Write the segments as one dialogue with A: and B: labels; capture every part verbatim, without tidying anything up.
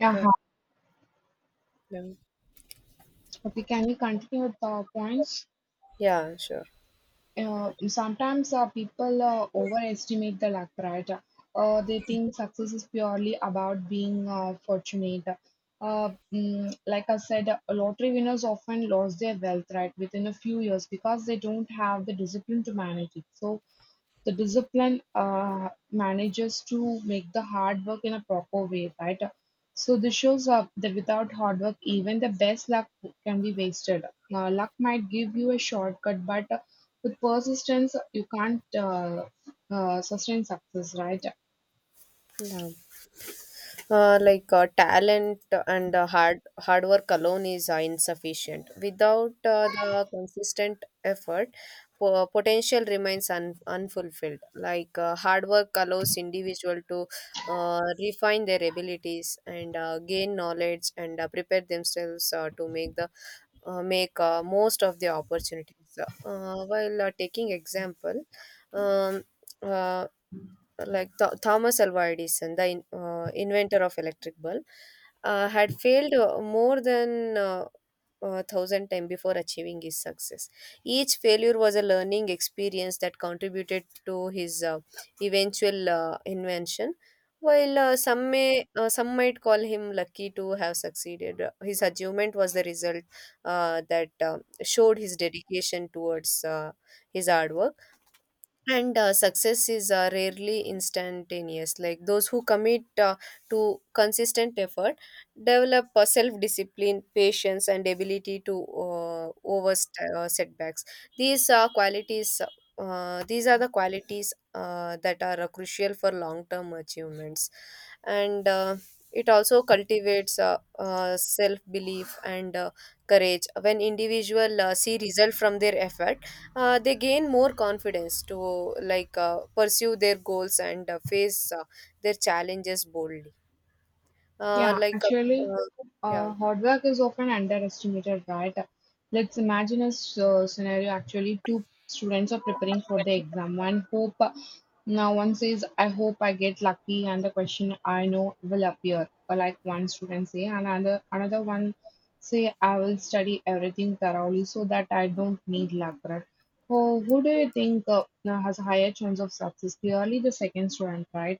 A: Yeah, hi.
B: Um,
A: Okay, can you continue with the points?
B: Yeah, sure.
A: Uh, sometimes uh, people uh, overestimate the luck, right? Uh, they think success is purely about being uh, fortunate. Uh, mm, like I said, uh, lottery winners often lose their wealth, right, within a few years because they don't have the discipline to manage it. So the discipline uh, manages to make the hard work in a proper way, right? So this shows up that without hard work, even the best luck can be wasted. Now, luck might give you a shortcut, but uh, with persistence, you can't uh, uh, sustain success, right?
B: Yeah. Uh, like uh, talent and uh, hard hard work alone is uh, insufficient. Without uh, the consistent effort, po- potential remains un- unfulfilled. Like uh, hard work allows individual to uh, refine their abilities and uh, gain knowledge and uh, prepare themselves uh, to make the uh, make uh, most of the opportunities. Uh, while uh, taking example, um, uh, like Th- Thomas Alva Edison, the in, uh, inventor of electric bulb, uh, had failed uh, more than uh, uh, thousand times before achieving his success. Each failure was a learning experience that contributed to his uh, eventual uh, invention. While uh, some may uh, some might call him lucky to have succeeded, uh, his achievement was the result uh, that uh, showed his dedication towards uh, his hard work, and uh, success is uh, rarely instantaneous. Like those who commit uh, to consistent effort develop uh, self discipline, patience, and ability to uh, over uh, setbacks. These are qualities. Uh, these are the qualities uh, that are uh, crucial for long term achievements, and uh, it also cultivates uh, uh, self belief and uh, courage. When individual uh, see result from their effort uh, they gain more confidence to like uh, pursue their goals and uh, face uh, their challenges boldly uh,
A: Yeah,
B: like uh,
A: actually,
B: uh, yeah,
A: uh, hard work is often underestimated, right? Let's imagine a s- uh, scenario. Actually, two students are preparing for the exam. One hope, now one says, "I hope I get lucky," and the question I know will appear. Or like one student say, and another another one say, "I will study everything thoroughly so that I don't need luck." Right? Who who do you think uh, now has a higher chance of success? Clearly, the second student, right?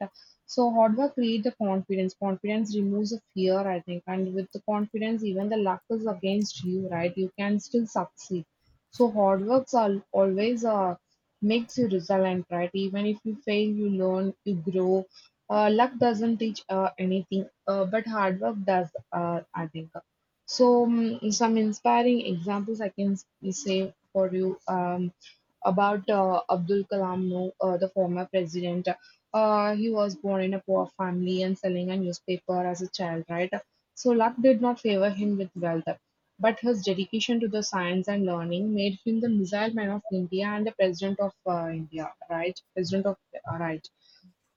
A: So hard work create the confidence. Confidence removes the fear, I think. And with the confidence, even the luck is against you, right? You can still succeed. So hard works are always uh, makes you resilient, right? Even if you fail, you learn, you grow. Uh, luck doesn't teach uh, anything, uh, but hard work does, uh, I think. So mm, some inspiring examples I can s- say for you um, about uh, Abdul Kalam, no, uh, the former president. Uh, he was born in a poor family and selling a newspaper as a child, right? So luck did not favor him with wealth, but his dedication to the science and learning made him the missile man of India and the president of uh, India, right? President of, uh, right.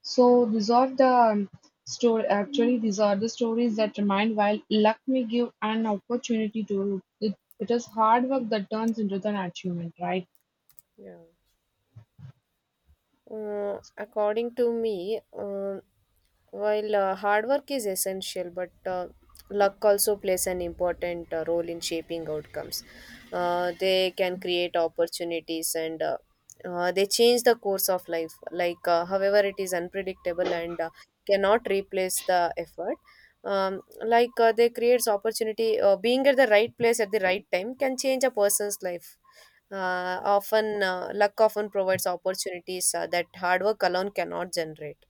A: So these are the um, story. Actually, these are the stories that remind while luck may give an opportunity to it, it is hard work that turns into an achievement, right?
B: yeah. Uh, according to me, uh, while uh, hard work is essential, but uh, luck also plays an important uh, role in shaping outcomes. Uh, they can create opportunities and uh, uh, they change the course of life. Like, uh, however, it is unpredictable and uh, cannot replace the effort. Um, like uh, they creates opportunity. Uh, being at the right place at the right time can change a person's life. Uh, often, uh, luck often provides opportunities uh, that hard work alone cannot generate,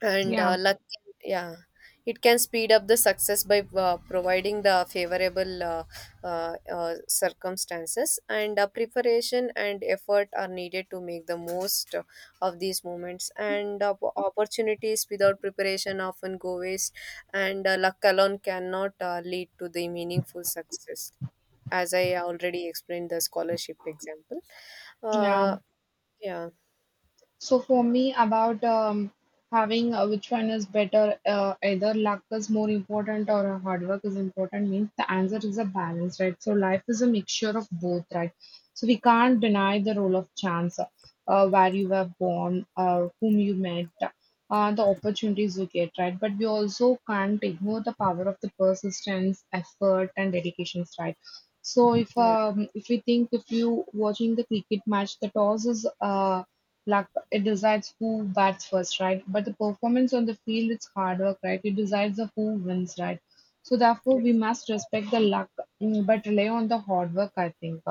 B: and
A: Yeah,
B: uh, luck, yeah, it can speed up the success by uh, providing the favorable uh, uh, uh, circumstances, and uh, preparation and effort are needed to make the most uh, of these moments and uh, opportunities without preparation often go waste, and uh, luck alone cannot uh, lead to the meaningful success, as I already explained the scholarship example.
A: yeah.
B: uh, yeah,
A: So for me, about um, having uh, which one is better, uh, either luck is more important or uh, hard work is important means the answer is a balance, right? So life is a mixture of both, right? So we can't deny the role of chance, uh, where you were born, or whom you met, uh, the opportunities you get, right? But we also can't ignore the power of the persistence, effort, and dedications, right? So if
B: yeah, yeah.
A: um, if we think if you watching the cricket match, the toss is uh, luck. It decides who bats first, right? But the performance on the field, it's hard work, right? It decides the who wins, right? So therefore, we must respect the luck, mm, but rely on the hard work, I think.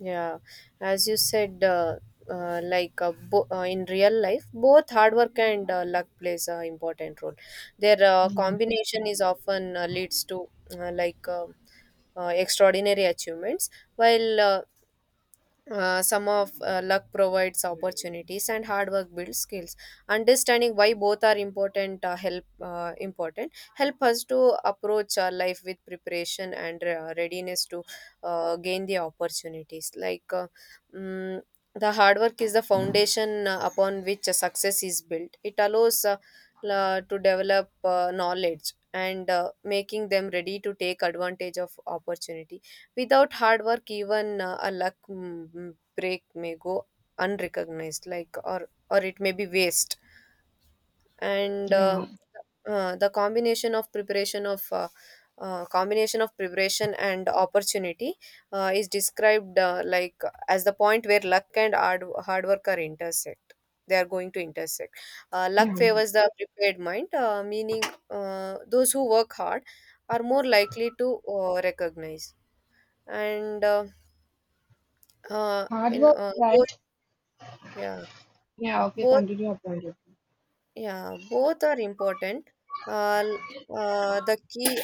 B: Yeah, as you said, uh, uh, like uh, bo- uh, in real life, both hard work and uh, luck plays an important role. Their uh,
A: Yeah,
B: combination is often uh, leads to uh, like uh, uh, extraordinary achievements, while uh, uh, some of uh, luck provides opportunities and hard work builds skills. Understanding why both are important uh, help uh, important help us to approach our life with preparation and uh, readiness to uh, gain the opportunities, like uh, mm, the hard work is the foundation uh, upon which a success is built. It allows uh, la- to develop uh, knowledge and uh, making them ready to take advantage of opportunities. Without hard work, even uh, a luck mm, mm, break may go unrecognized, like or or it may be waste. And uh,
A: yeah,
B: uh, the combination of preparation of uh, uh, combination of preparation and opportunity uh, is described uh, like as the point where luck and hard, hard work are intersect. They are going to intersect. Uh, luck
A: yeah.
B: favors the prepared mind, uh, meaning uh, those who work hard are more likely to uh, recognize. And uh, uh,
A: Hard
B: in
A: work,
B: uh, both,
A: right?
B: yeah,
A: Yeah, okay,
B: both,
A: continue your point.
B: yeah, both are important. uh, l- uh, the key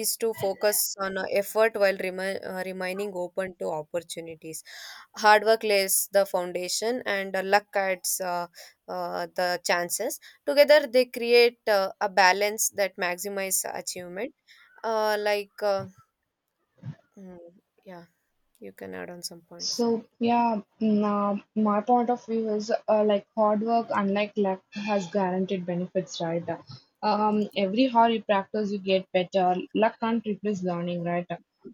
B: is to focus on uh, effort while remi- uh, remaining open to opportunities. Hard work lays the foundation, and uh, luck adds uh, uh, the chances. Together they create uh, a balance that maximizes achievement. uh, like uh, mm, yeah, you can add on some points.
A: So yeah, nah, my point of view is uh, like hard work, unlike luck, has guaranteed benefits, right? Um, every hard you practice, you get better. Luck can't replace learning, right?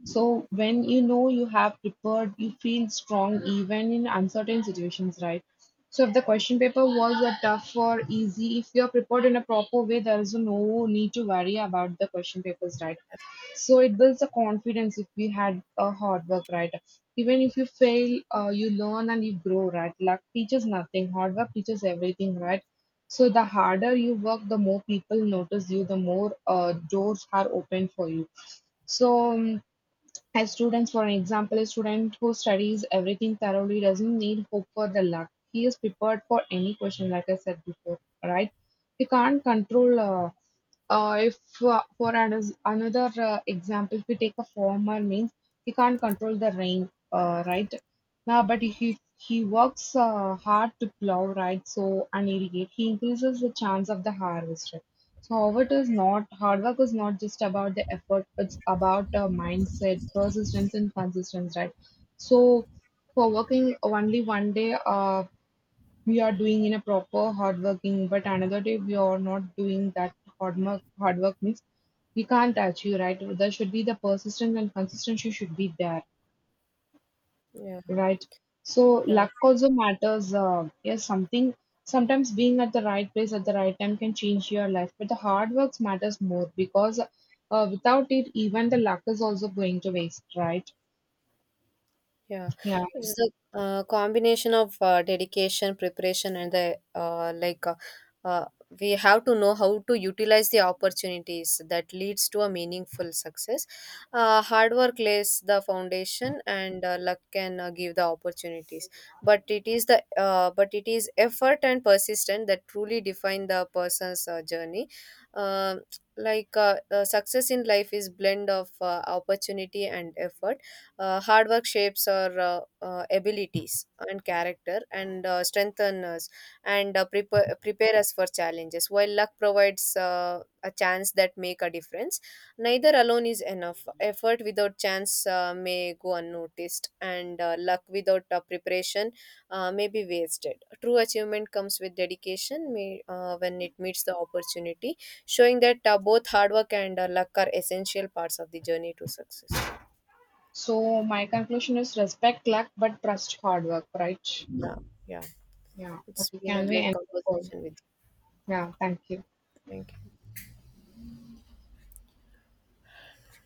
A: So when you know you have prepared, you feel strong even in uncertain situations, right? So if the question paper was a tough or easy, if you are prepared in a proper way, there is no need to worry about the question papers, right? So it builds a confidence if we had a hard work, right? Even if you fail, uh, you learn and you grow, right? Luck teaches nothing, hard work teaches everything, right? So the harder you work, the more people notice you, the more uh, doors are open for you. So um, as students, for example, a student who studies everything thoroughly doesn't need hope for the luck. He is prepared for any question, like I said before, right? He can't control. Uh, uh, if uh, For an- another uh, example, if we take a farmer, means he can't control the rain, uh, right? Now, but if he, he works uh, hard to plow, right? So and irrigate, he increases the chance of the harvest. So however, it is not hard work is not just about the effort, it's about a mindset, persistence, and consistency, right? So, for working only one day, uh, we are doing in a proper hard working, but another day we are not doing that hard work. Hard work means we can't achieve, right? There should be the persistence and consistency should be there.
B: Yeah,
A: Right. So
B: yeah.
A: luck also matters. Uh, yes, something sometimes being at the right place at the right time can change your life, but the hard works matters more because uh, without it, even the luck is also going to waste, right?
B: Yeah,
A: Yeah.
B: it's the uh, combination of uh, dedication, preparation, and the uh, like. Uh, uh, we have to know how to utilize the opportunities that leads to a meaningful success. Uh, hard work lays the foundation, and uh, luck can uh, give the opportunities. But it is the uh, but it is effort and persistence that truly define the person's uh, journey. Um like uh, uh, success in life is blend of uh, opportunity and effort. Uh, hard work shapes our uh, uh, abilities and character, and uh, strengthen us and uh, prepare, prepare us for challenges. While luck provides uh, a chance that make a difference, neither alone is enough. Effort without chance uh, may go unnoticed, and uh, luck without uh, preparation uh, may be wasted. True achievement comes with dedication may, uh, when it meets the opportunity, showing that uh, both hard work and uh, luck are essential parts of the journey to success.
A: So my conclusion is respect luck, but trust hard work, right?
B: Yeah. Yeah.
A: Yeah.
B: It's
A: Okay.
B: been a
A: Can we
B: great
A: end the call?
B: conversation with
A: Yeah. Thank you.
B: you. Thank you.